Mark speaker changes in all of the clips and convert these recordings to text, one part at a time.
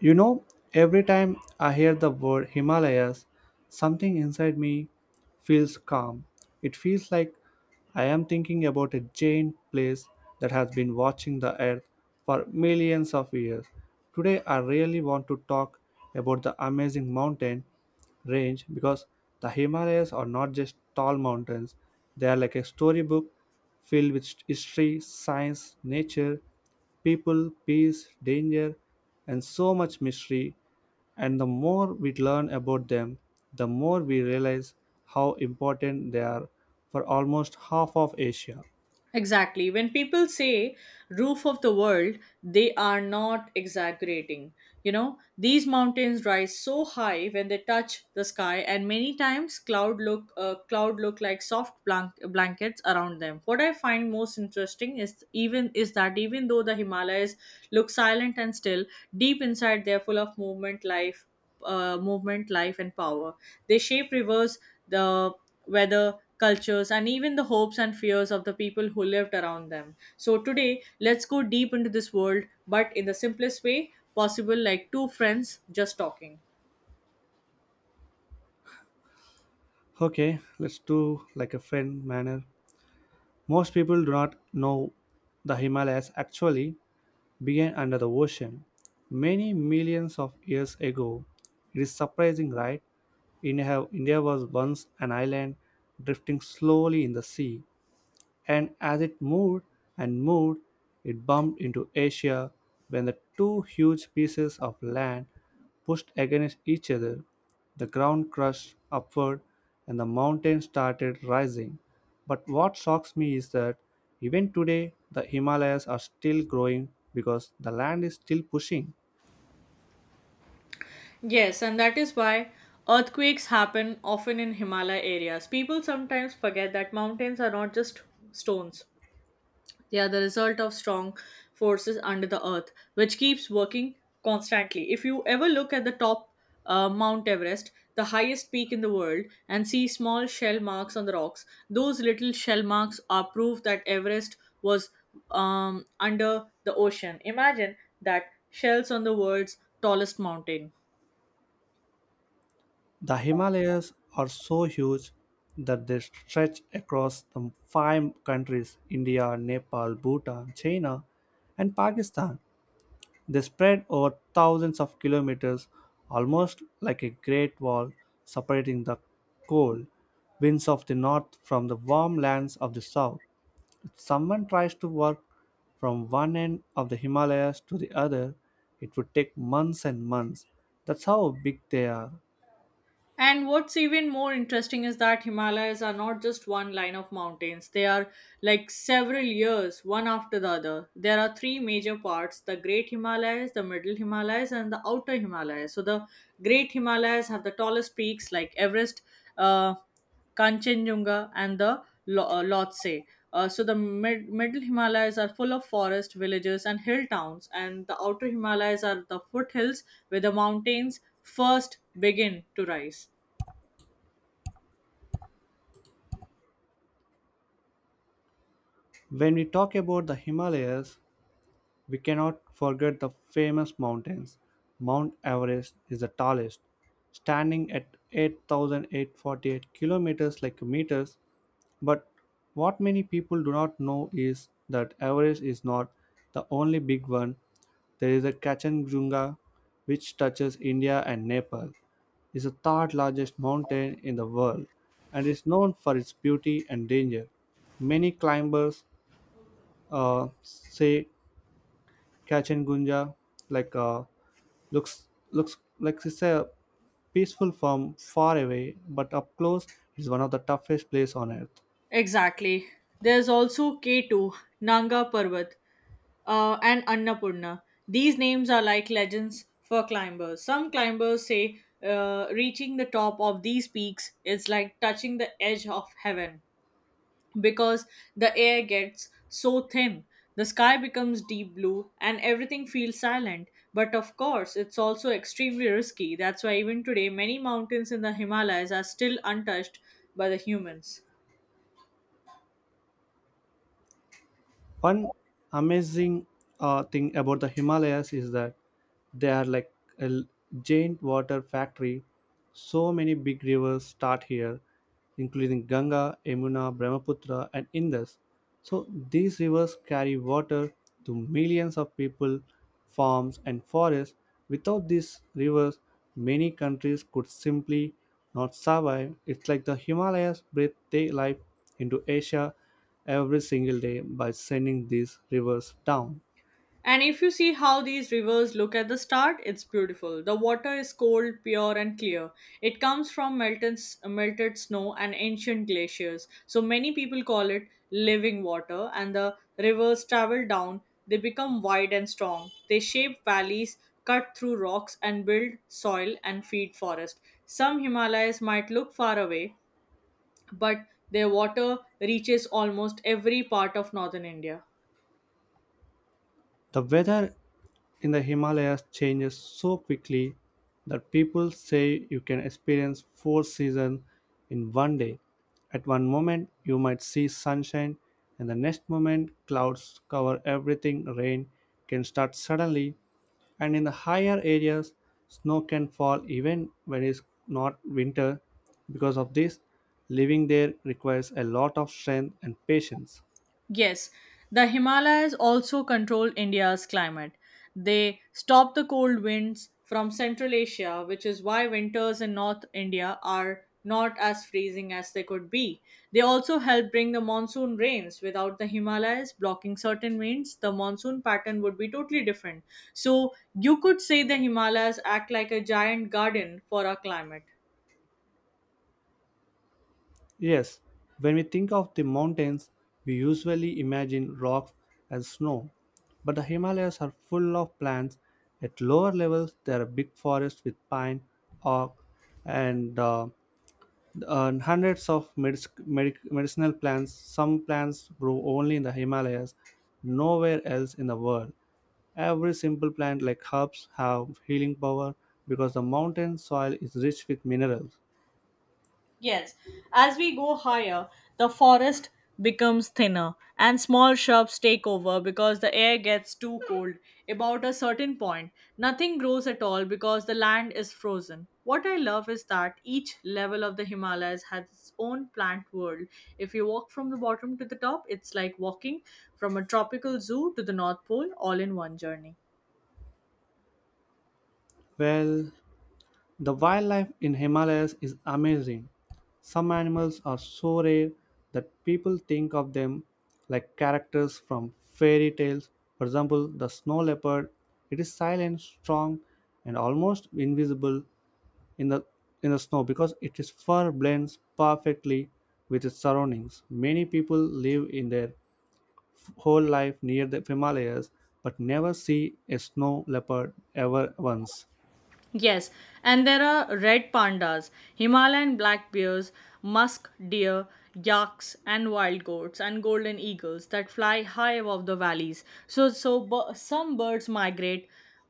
Speaker 1: You know, every time I hear the word Himalayas, something inside me feels calm. It feels like I am thinking about a giant place that has been watching the earth for millions of years. Today, I really want to talk about the amazing mountain range because the Himalayas are not just tall mountains, they are like a storybook filled with history, science, nature, people, peace, danger, and so much mystery. And the more we learn about them, the more we realize how important they are for almost half of Asia.
Speaker 2: Exactly. When people say roof of the world, they are not exaggerating. These mountains rise so high when they touch the sky, and many times cloud look like soft blankets around them. What I find most interesting is that even though the Himalayas look silent and still, deep inside they're full of movement, life, and power. They shape rivers, the weather cultures, and even the hopes and fears of the people who lived around them. So, today, let's go deep into this world, but in the simplest way possible, like two friends just talking.
Speaker 1: Okay, let's do like a friend manner. Most people do not know the Himalayas actually began under the ocean many millions of years ago. It is surprising, right? India was once an island drifting slowly in the sea. And as it moved and moved, it bumped into Asia when the two huge pieces of land pushed against each other. The ground crushed upward and the mountain started rising. But what shocks me is that even today the Himalayas are still growing because the land is still pushing.
Speaker 2: Yes, and that is why earthquakes happen often in Himalaya areas. People sometimes forget that mountains are not just stones. They are the result of strong forces under the earth, which keeps working constantly. If you ever look at the top Mount Everest, the highest peak in the world, and see small shell marks on the rocks, those little shell marks are proof that Everest was under the ocean. Imagine that, shells on the world's tallest mountain.
Speaker 1: The Himalayas are so huge that they stretch across the five countries India, Nepal, Bhutan, China, and Pakistan. They spread over thousands of kilometers, almost like a great wall separating the cold winds of the north from the warm lands of the south. If someone tries to walk from one end of the Himalayas to the other, it would take months and months. That's how big they are.
Speaker 2: And what's even more interesting is that Himalayas are not just one line of mountains, they are like several years, one after the other. There are three major parts: the Great Himalayas, the Middle Himalayas, and the Outer Himalayas. So, the Great Himalayas have the tallest peaks like Everest, uh, Kanchenjunga, and the Lhotse. So, the middle Himalayas are full of forest villages and hill towns, and the outer Himalayas are the foothills where the mountains first begin to rise.
Speaker 1: When we talk about the Himalayas, we cannot forget the famous mountains. Mount Everest is the tallest, standing at 8,848 kilometers like meters. But what many people do not know is that Everest is not the only big one. There is a Kachanjunga, which touches India and Nepal, is the third largest mountain in the world and is known for its beauty and danger. Many climbers say Kachin Gunja, like uh, looks like it's a peaceful farm far away, but up close it's one of the toughest place on earth.
Speaker 2: Exactly. There's also K2, Nanga Parbat, and Annapurna. These names are like legends for climbers. Some climbers say reaching the top of these peaks is like touching the edge of heaven, because the air gets so thin. The sky becomes deep blue and everything feels silent. But of course, it's also extremely risky. That's why, even today, many mountains in the Himalayas are still untouched by the humans.
Speaker 1: One amazing thing about the Himalayas is that they are like a l- giant water factory. So many big rivers start here, including Ganga, Yamuna, Brahmaputra, and Indus. So these rivers carry water to millions of people, farms, and forests. Without these rivers, many countries could simply not survive. It's like the Himalayas breathe their life into Asia every single day by sending these rivers down.
Speaker 2: And if you see how these rivers look at the start, it's beautiful. The water is cold, pure, and clear. It comes from melted snow and ancient glaciers. So many people call it living water. And the rivers travel down, they become wide and strong. They shape valleys, cut through rocks, and build soil and feed forest. Some Himalayas might look far away, but their water reaches almost every part of northern India.
Speaker 1: The weather in the Himalayas changes so quickly that people say you can experience four seasons in one day. At one moment, you might see sunshine, and the next moment, clouds cover everything. Rain can start suddenly, and in the higher areas, snow can fall even when it's not winter. Because of this, living there requires a lot of strength and patience.
Speaker 2: Yes, the Himalayas also control India's climate. They stop the cold winds from Central Asia, which is why winters in North India are not as freezing as they could be. They also help bring the monsoon rains. Without the Himalayas blocking certain winds, the monsoon pattern would be totally different. So, you could say the Himalayas act like a giant garden for our climate.
Speaker 1: Yes, when we think of the mountains, we usually imagine rocks and snow. But the Himalayas are full of plants. At lower levels, there are big forests with pine, oak, and, uh, and hundreds of medicinal plants. Some plants grow only in the Himalayas, nowhere else in the world. Every simple plant like herbs have healing power because the mountain soil is rich with minerals.
Speaker 2: Yes, as we go higher, the forest becomes thinner and small shrubs take over because the air gets too cold. About a certain point, nothing grows at all because the land is frozen. What I love is that each level of the Himalayas has its own plant world. If you walk from the bottom to the top, it's like walking from a tropical zoo to the North Pole all in one journey.
Speaker 1: Well, the wildlife in Himalayas is amazing. Some animals are so rare that people think of them like characters from fairy tales. For example, the snow leopard. It is silent, strong, and almost invisible in the in the snow because its fur blends perfectly with its surroundings. Many people live in their whole life near the Himalayas but never see a snow leopard ever once.
Speaker 2: Yes, and there are red pandas, Himalayan black bears, musk deer, yaks, and wild goats and golden eagles that fly high above the valleys. So some birds migrate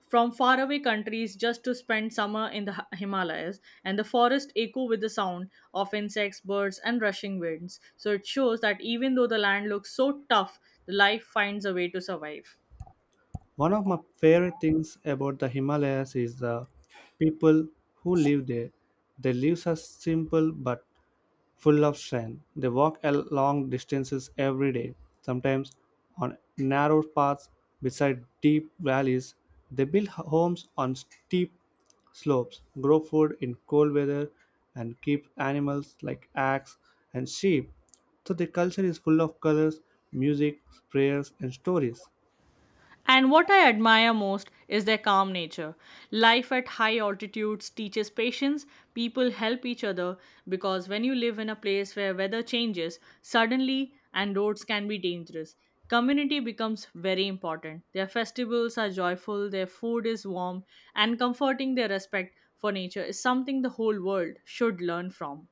Speaker 2: from faraway countries just to spend summer in the Himalayas, and the forests echo with the sound of insects, birds, and rushing winds. So it shows that even though the land looks so tough, life finds a way to survive.
Speaker 1: One of my favorite things about the Himalayas is the people who live there. Their lives are simple but full of strength. They walk long distances every day, sometimes on narrow paths beside deep valleys. They build homes on steep slopes, grow food in cold weather, and keep animals like axe and sheep. So the culture is full of colors, music, prayers, and stories.
Speaker 2: And what I admire most is their calm nature. Life at high altitudes teaches patience, people help each other because when you live in a place where weather changes suddenly and roads can be dangerous, community becomes very important. Their festivals are joyful, their food is warm, and comforting their respect for nature is something the whole world should learn from.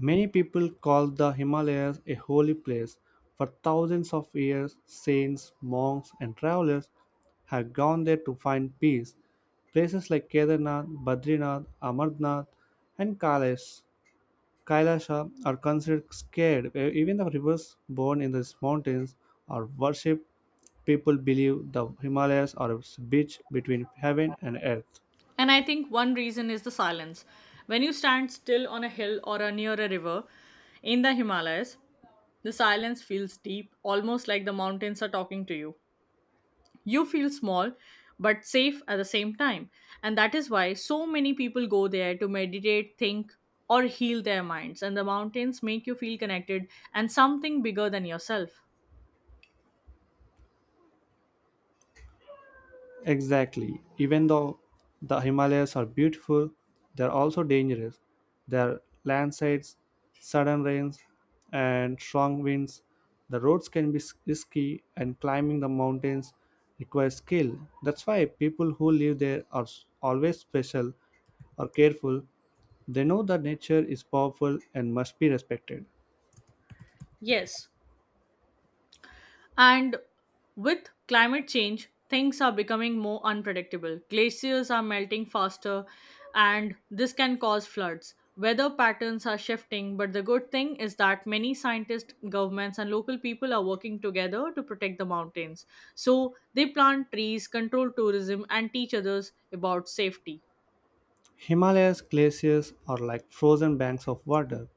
Speaker 1: Many people call the Himalayas a holy place. For thousands of years, saints, monks, and travelers have gone there to find peace. Places like Kedarnath, Badrinath, Amarnath, and Kailasha are considered sacred. Even the rivers born in these mountains are worshipped. People believe the Himalayas are a bridge between heaven and earth.
Speaker 2: And I think one reason is the silence. When you stand still on a hill or near a river in the Himalayas, the silence feels deep, almost like the mountains are talking to you. You feel small, but safe at the same time. And that is why so many people go there to meditate, think, or heal their minds. And the mountains make you feel connected and something bigger than yourself.
Speaker 1: Exactly. Even though the Himalayas are beautiful, they're also dangerous. There are landslides, sudden rains, and strong winds. The roads can be risky, and climbing the mountains requires skill. That's why people who live there are always special or careful. They know that nature is powerful and must be respected.
Speaker 2: Yes, and with climate change, things are becoming more unpredictable. Glaciers are melting faster, and this can cause floods. Weather patterns are shifting, but the good thing is that many scientists, governments, and local people are working together to protect the mountains. So they plant trees, control tourism, and teach others about safety.
Speaker 1: Himalayas glaciers are like frozen banks of water.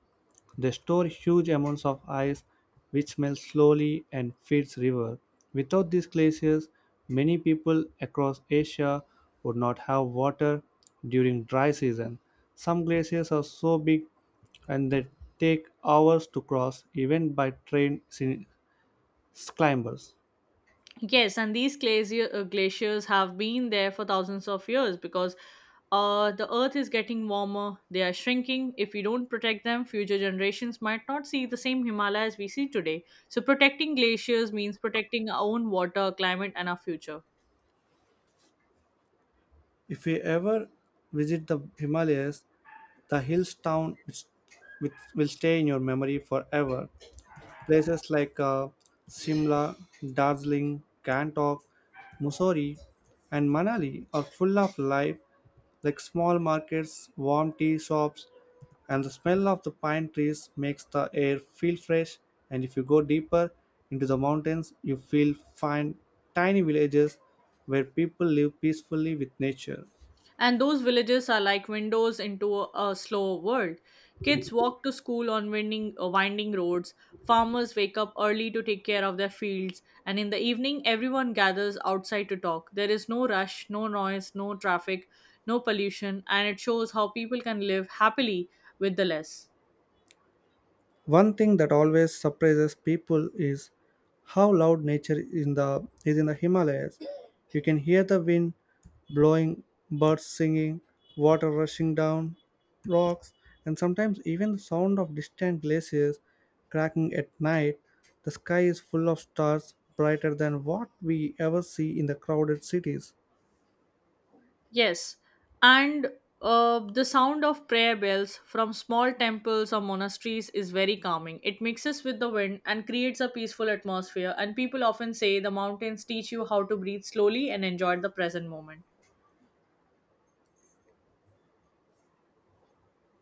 Speaker 1: They store huge amounts of ice which melts slowly and feeds river. Without these glaciers, many people across Asia would not have water during dry season. Some glaciers are so big and they take hours to cross even by trained climbers.
Speaker 2: Yes, and glaciers have been there for thousands of years because the earth is getting warmer, they are shrinking. If we don't protect them, future generations might not see the same Himalayas we see today. So, protecting glaciers means protecting our own water, climate, and our future.
Speaker 1: If we ever visit the Himalayas, the hills town which will stay in your memory forever. Places like Simla, Darjeeling, Gangtok, Mussoorie, and Manali are full of life, like small markets, warm tea shops, and the smell of the pine trees makes the air feel fresh. And if you go deeper into the mountains, you will find tiny villages where people live peacefully with nature.
Speaker 2: And those villages are like windows into a slow world. Kids walk to school on winding roads. Farmers wake up early to take care of their fields. And in the evening, everyone gathers outside to talk. There is no rush, no noise, no traffic, no pollution. And it shows how people can live happily with the less.
Speaker 1: One thing that always surprises people is how loud nature is in the Himalayas. You can hear the wind blowing, birds singing, water rushing down rocks, and sometimes even the sound of distant glaciers cracking at night. The sky is full of stars, brighter than what we ever see in the crowded cities.
Speaker 2: Yes, and the sound of prayer bells from small temples or monasteries is very calming. It mixes with the wind and creates a peaceful atmosphere, and people often say the mountains teach you how to breathe slowly and enjoy the present moment.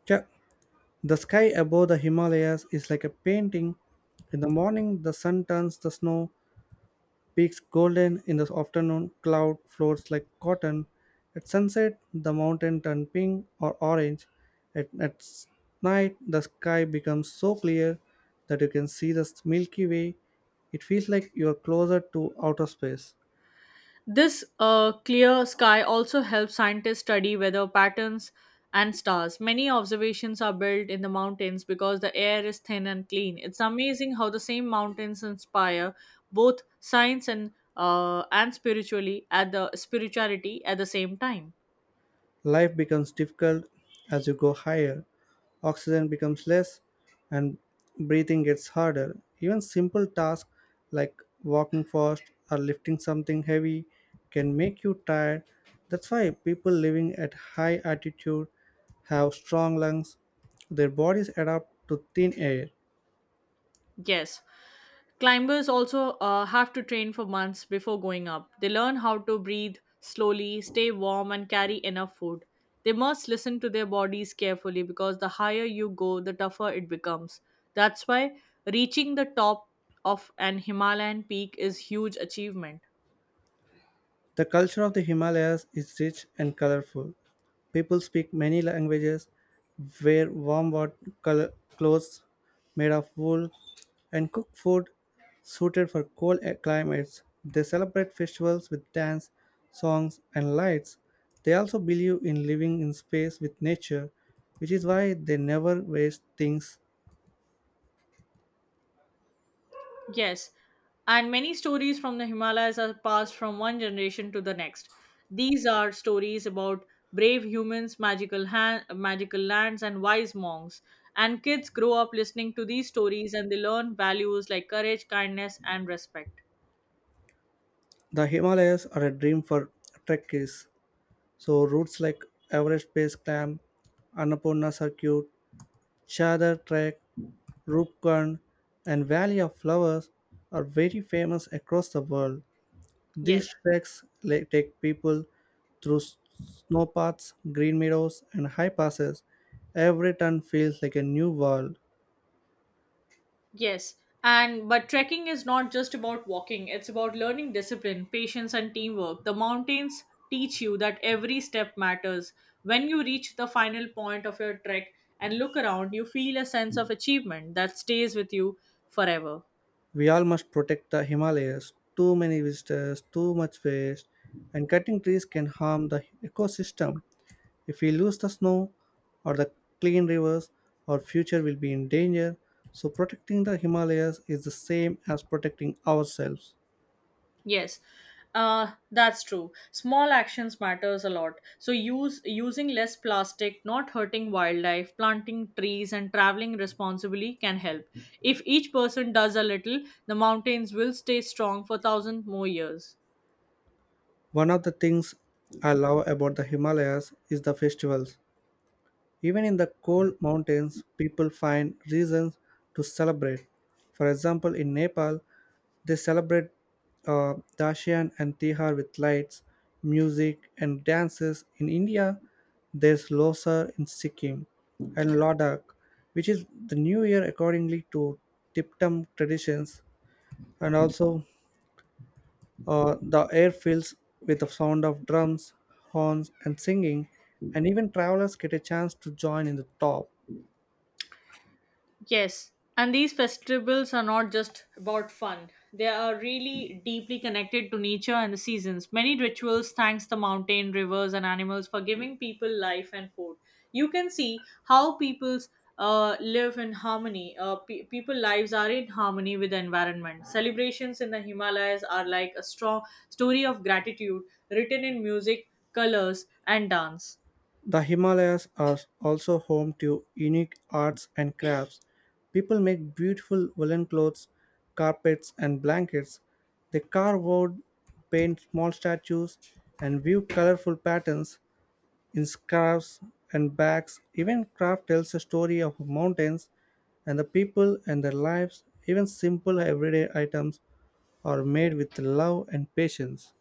Speaker 1: Ch- The sky above the Himalayas is like a painting. In the morning, the sun turns the snow peaks golden in the afternoon, cloud floats like cotton. At sunset, the mountain turn pink or orange. At, at s- night, the sky becomes so clear that you can see the Milky Way. It feels like you are closer to outer space.
Speaker 2: This clear sky also helps scientists study weather patterns and stars. Many observations are built in the mountains because the air is thin and clean. It's amazing how the same mountains inspire both science and spiritually at the spirituality at the same time.
Speaker 1: Life becomes difficult as you go higher. Oxygen becomes less and breathing gets harder. Even simple tasks like walking fast or lifting something heavy can make you tired. That's why people living at high altitude have strong lungs. Their bodies adapt to thin air.
Speaker 2: Yes, climbers also have to train for months before going up. They learn how to breathe slowly, stay warm, and carry enough food. They must listen to their bodies carefully because the higher you go, the tougher it becomes. That's why reaching the top of an Himalayan peak is huge achievement.
Speaker 1: The culture of the Himalayas is rich and colorful. People speak many languages, wear warm col- clothes made of wool, and cook food suited for cold climates. They celebrate festivals with dance, songs, and lights. They also believe in living in space with nature, which is why they never waste things.
Speaker 2: Yes, and many stories from the Himalayas are passed from one generation to the next. These are stories about brave humans, magical lands, and wise monks. And kids grow up listening to these stories and they learn values like courage, kindness, and respect.
Speaker 1: The Himalayas are a dream for trekkies, so routes like Everest Base Camp, Annapurna Circuit, Chadar Trek, Rupgarh, and Valley of Flowers are very famous across the world.
Speaker 2: Yes.
Speaker 1: These take people through snowpaths, green meadows, and high passes. Every turn feels like a new world.
Speaker 2: Yes. And but trekking is not just about walking, it's about learning discipline, patience, and teamwork. The mountains teach you that every step matters. When you reach the final point of your trek and look around, you feel a sense of achievement that stays with you forever.
Speaker 1: We all must protect the Himalayas. Too many visitors, too much waste, and cutting trees can harm the ecosystem. If we lose the snow or the clean rivers, our future will be in danger. So, protecting the Himalayas is the same as protecting ourselves.
Speaker 2: Yes, that's true. Small actions matters a lot. So use using less plastic, not hurting wildlife, planting trees, and traveling responsibly can help. If each person does a little, the mountains will stay strong for thousand more years.
Speaker 1: One of the things I love about the Himalayas is the festivals. Even in the cold mountains, people find reasons to celebrate. For example, in Nepal, they celebrate Dashian and Tihar with lights, music, and dances. In India, there's Losar in Sikkim and Ladakh, which is the new year accordingly to Tiptum traditions, and also the air fills with the sound of drums, horns, and singing, and even travelers get a chance to join in the top.
Speaker 2: Yes, and these festivals are not just about fun. They are really deeply connected to nature and the seasons. Many rituals thanks the mountain, rivers, and animals for giving people life and food. You can see how people's live in harmony. People lives are in harmony with the environment. Celebrations in the Himalayas are like a strong story of gratitude written in music, colors, and dance.
Speaker 1: The Himalayas are also home to unique arts and crafts. People make beautiful woolen clothes, carpets, and blankets. They carve wood, paint small statues, and weave colorful patterns in scarves and bags. Even craft tells a story of mountains and the people and their lives. Even simple everyday items are made with love and patience.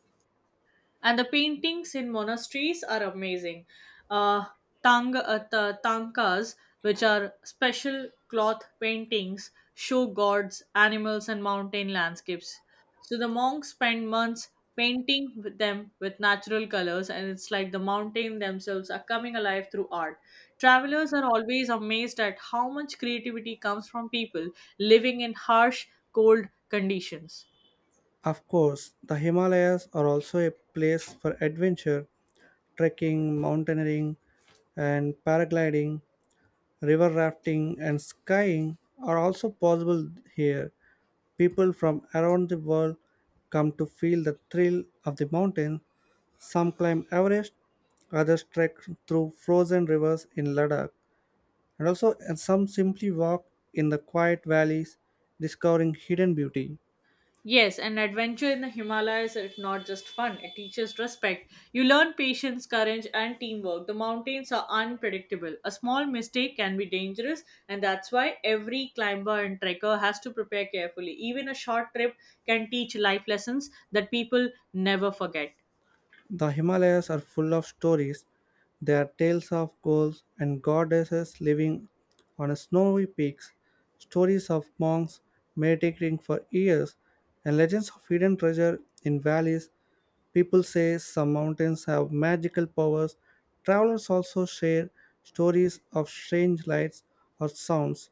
Speaker 2: And the paintings in monasteries are amazing. Uh, Tankas, which are special cloth paintings, show gods, animals, and mountain landscapes. So the monks spend months painting with them with natural colors, and it's like the mountain themselves are coming alive through art. Travelers are always amazed at how much creativity comes from people living in harsh, cold conditions.
Speaker 1: Of course, the Himalayas are also a place for adventure trekking, mountaineering, and paragliding, river rafting, and skiing are also possible here. People from around the world come to feel the thrill of the mountain. Some climb Everest, others trek through frozen rivers in Ladakh, and also and some simply walk in the quiet valleys, discovering hidden beauty.
Speaker 2: Yes, an adventure in the Himalayas is not just fun, it teaches respect. You learn patience, courage, and teamwork. The mountains are unpredictable. A small mistake can be dangerous, and that's why every climber and trekker has to prepare carefully. Even a short trip can teach life lessons that people never forget.
Speaker 1: The Himalayas are full of stories. They are tales of gods and goddesses living on snowy peaks, stories of monks meditating for years, and legends of hidden treasure in valleys. People say some mountains have magical powers. Travelers also share stories of strange lights or sounds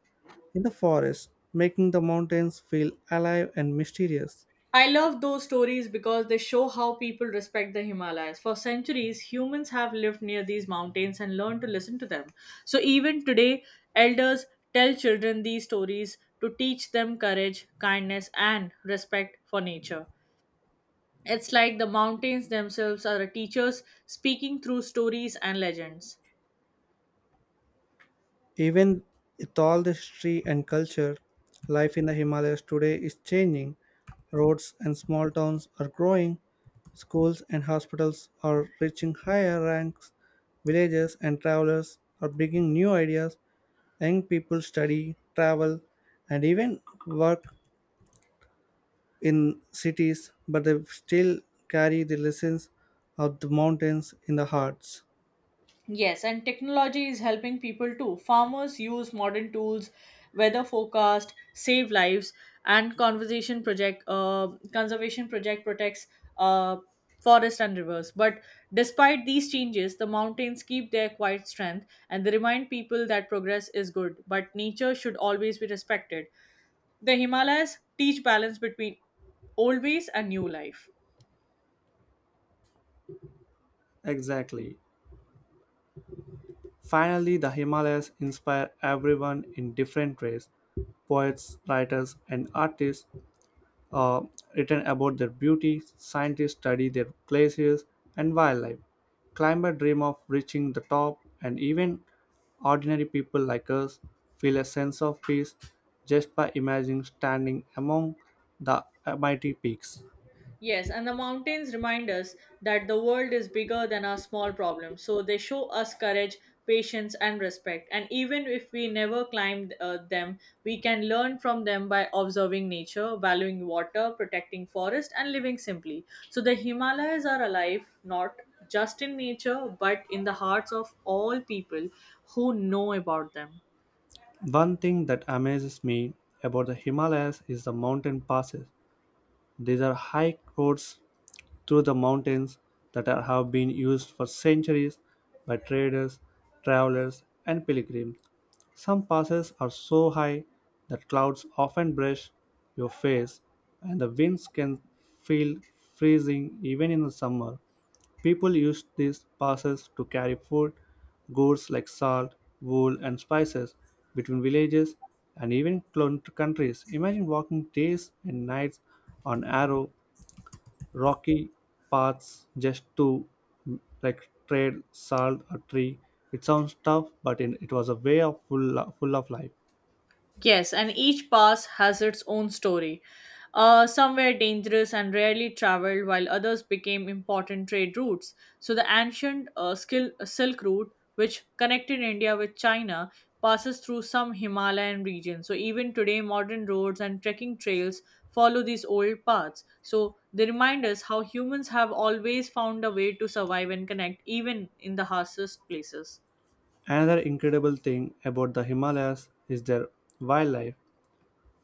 Speaker 1: in the forest, making the mountains feel alive and mysterious.
Speaker 2: I love those stories because they show how people respect the Himalayas. For centuries, humans have lived near these mountains and learned to listen to them. So even today, elders tell children these stories to teach them courage, kindness, and respect for nature. It's like the mountains themselves are teachers speaking through stories and legends.
Speaker 1: Even with all the history and culture, life in the Himalayas today is changing. Roads and small towns are growing, schools and hospitals are reaching higher ranks, villages and travelers are bringing new ideas. Young people study, travel, and even work in cities, but they still carry the lessons of the mountains in their hearts.
Speaker 2: Yes, and technology is helping people too. Farmers use modern tools, weather forecast, save lives, and conservation project. Conservation project protects uh, forest and rivers. But despite these changes, the mountains keep their quiet strength, and they remind people that progress is good, but nature should always be respected. The Himalayas teach balance between old ways and new life.
Speaker 1: Exactly. Finally, the Himalayas inspire everyone in different ways. Poets, writers, and artists uh, written about their beauty, scientists study their glaciers and wildlife, climbers dream of reaching the top, and even ordinary people like us feel a sense of peace just by imagining standing among the mighty peaks.
Speaker 2: Yes, and the mountains remind us that the world is bigger than our small problems. So they show us courage, patience, and respect. And even if we never climbed them, we can learn from them by observing nature, valuing water, protecting forest, and living simply. So the Himalayas are alive not just in nature but in the hearts of all people who know about them.
Speaker 1: One thing that amazes me about the Himalayas is the mountain passes. These are high roads through the mountains have been used for centuries by traders, travelers, and pilgrims. Some passes are so high that clouds often brush your face, and the winds can feel freezing even in the summer. People used these passes to carry food, goods like salt, wool, and spices between villages and even countries. Imagine walking days and nights on arrow rocky paths just to like trade salt or tree. It sounds tough, but in, it was a way of full of life.
Speaker 2: Yes, and each pass has its own story. Some were dangerous and rarely traveled, while others became important trade routes. So, the ancient Silk Route, which connected India with China, passes through some Himalayan regions. So, even today, modern roads and trekking trails follow these old paths. So, they remind us how humans have always found a way to survive and connect, even in the harshest places.
Speaker 1: Another incredible thing about the Himalayas is their wildlife.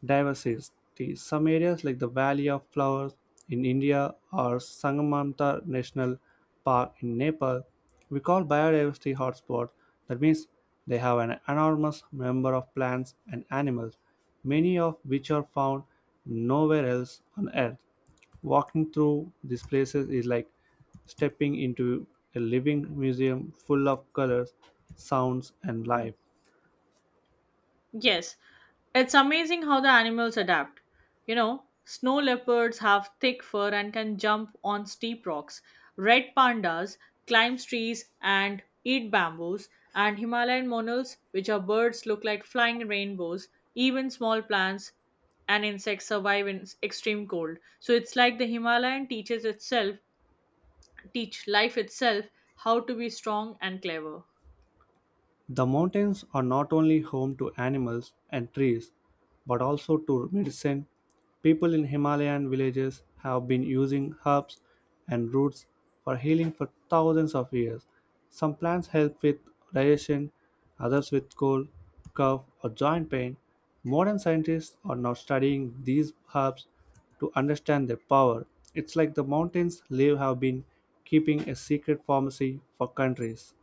Speaker 1: Diversity. Some areas like the Valley of Flowers in India or Sangamanta National Park in Nepal, we call biodiversity hotspots. That means they have an enormous number of plants and animals, many of which are found nowhere else on earth. Walking through these places is like stepping into a living museum full of colors, sounds, and life.
Speaker 2: Yes, it's amazing how the animals adapt. You know snow leopards have thick fur and can jump on steep rocks. Red pandas climb trees and eat bamboos. And Himalayan monals, which are birds, look like flying rainbows. Even small plants and insects survive in extreme cold. So it's like the teach life itself how to be strong and clever.
Speaker 1: The mountains are not only home to animals and trees, but also to medicine. People in Himalayan villages have been using herbs and roots for healing for thousands of years. Some plants help with digestion, others with cold, cough, or joint pain. Modern scientists are now studying these herbs to understand their power. It's like the mountains' live have been keeping a secret pharmacy for countries.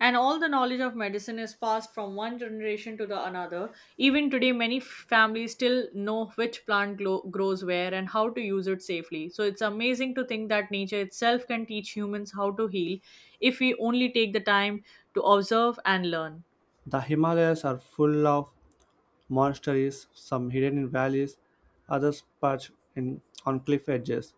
Speaker 2: And all the knowledge of medicine is passed from one generation to the another. Even today, many families still know which plant grows where and how to use it safely. So it's amazing to think that nature itself can teach humans how to heal if we only take the time to observe and learn.
Speaker 1: The Himalayas are full of monasteries, some hidden in valleys, others perched in, on cliff edges.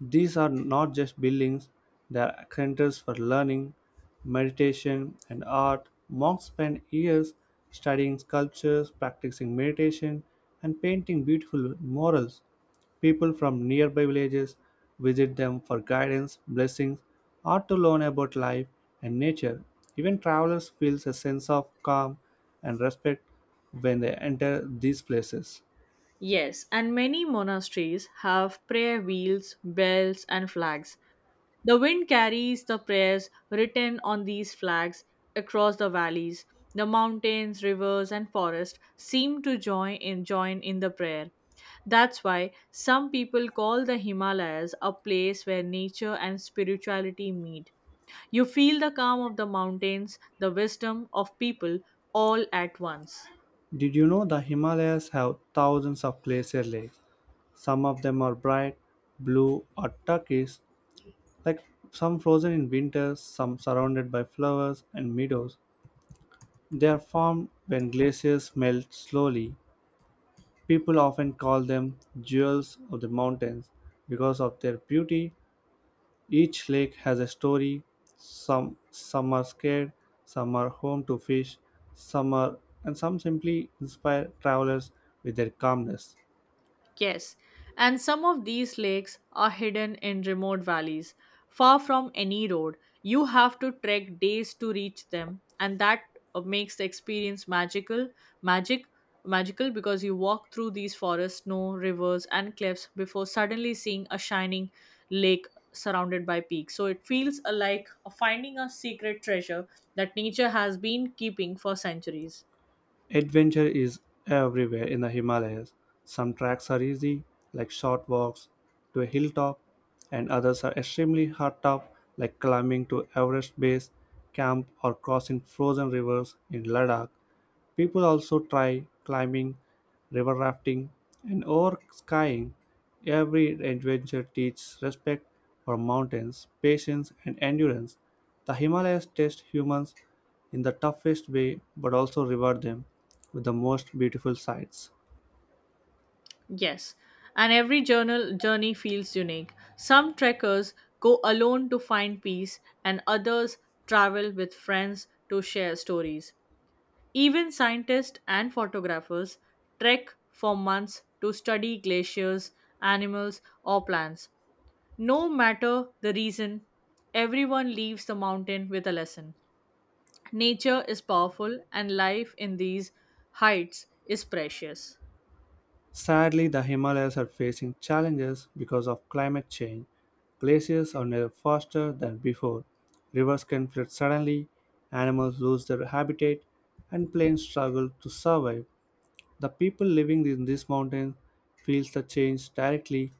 Speaker 1: These are not just buildings, they are centers for learning, meditation, and art. Monks spend years studying sculptures, practicing meditation, and painting beautiful murals. People from nearby villages visit them for guidance, blessings, or to learn about life and nature. Even travelers feel a sense of calm and respect when they enter these places.
Speaker 2: Yes, and many monasteries have prayer wheels, bells, and flags. The wind carries the prayers written on these flags across the valleys. The mountains, rivers, and forests seem to join in the prayer. That's why some people call the Himalayas a place where nature and spirituality meet. You feel the calm of the mountains, the wisdom of people, all at once.
Speaker 1: Did you know the Himalayas have thousands of glacier lakes? Some of them are bright blue or turquoise, like some frozen in winter, some surrounded by flowers and meadows. They are formed when glaciers melt slowly. People often call them jewels of the mountains because of their beauty. Each lake has a story. Some are scared, some are home to fish, some are and some simply inspire travelers with their calmness.
Speaker 2: Yes, and some of these lakes are hidden in remote valleys, far from any road. You have to trek days to reach them, and that makes the experience magic, magical, because you walk through these forests, snow, rivers, and cliffs before suddenly seeing a shining lake surrounded by peaks. So it feels like finding a secret treasure that nature has been keeping for centuries.
Speaker 1: Adventure is everywhere in the Himalayas. Some tracks are easy, like short walks to a hilltop, and others are extremely hard top, like climbing to Everest base camp or crossing frozen rivers in Ladakh. People also try climbing, river rafting, and over skiing. Every adventure teaches respect for mountains, patience, and endurance. The Himalayas test humans in the toughest way but also reward them with the most beautiful sights.
Speaker 2: Yes, and every journal journey feels unique. Some trekkers go alone to find peace, and others travel with friends to share stories. Even scientists and photographers trek for months to study glaciers, animals, or plants. No matter the reason, everyone leaves the mountain with a lesson. Nature is powerful, and life in these heights is precious.
Speaker 1: Sadly, the Himalayas are facing challenges because of climate change. Glaciers are now faster than before. Rivers can flood suddenly, animals lose their habitat, and planes struggle to survive. The people living in these mountains feels the change directly.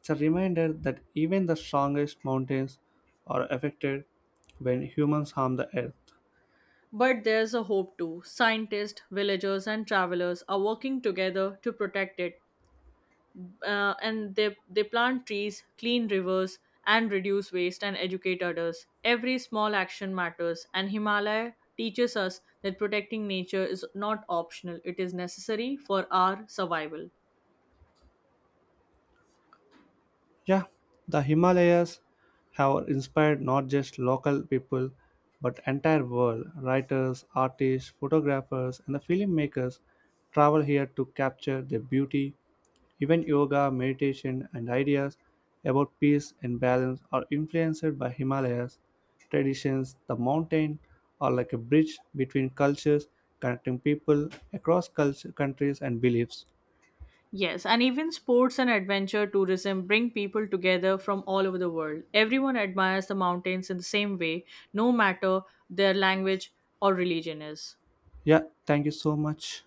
Speaker 1: It's a reminder that even the strongest mountains are affected when humans harm the earth.
Speaker 2: But there's a hope too. Scientists, villagers, and travelers are working together to protect it. They plant trees, clean rivers, and reduce waste and educate others. Every small action matters, and Himalaya teaches us that protecting nature is not optional, it is necessary for our survival.
Speaker 1: Yeah, the Himalayas have inspired not just local people but entire world. Writers, artists, photographers, and the filmmakers travel here to capture their beauty. Even yoga, meditation, and ideas about peace and balance are influenced by Himalayas traditions. The mountain are like a bridge between cultures, connecting people across culture, countries and beliefs.
Speaker 2: Yes, and even sports and adventure tourism bring people together from all over the world. Everyone admires the mountains in the same way, no matter their language or religion is.
Speaker 1: Yeah, thank you so much.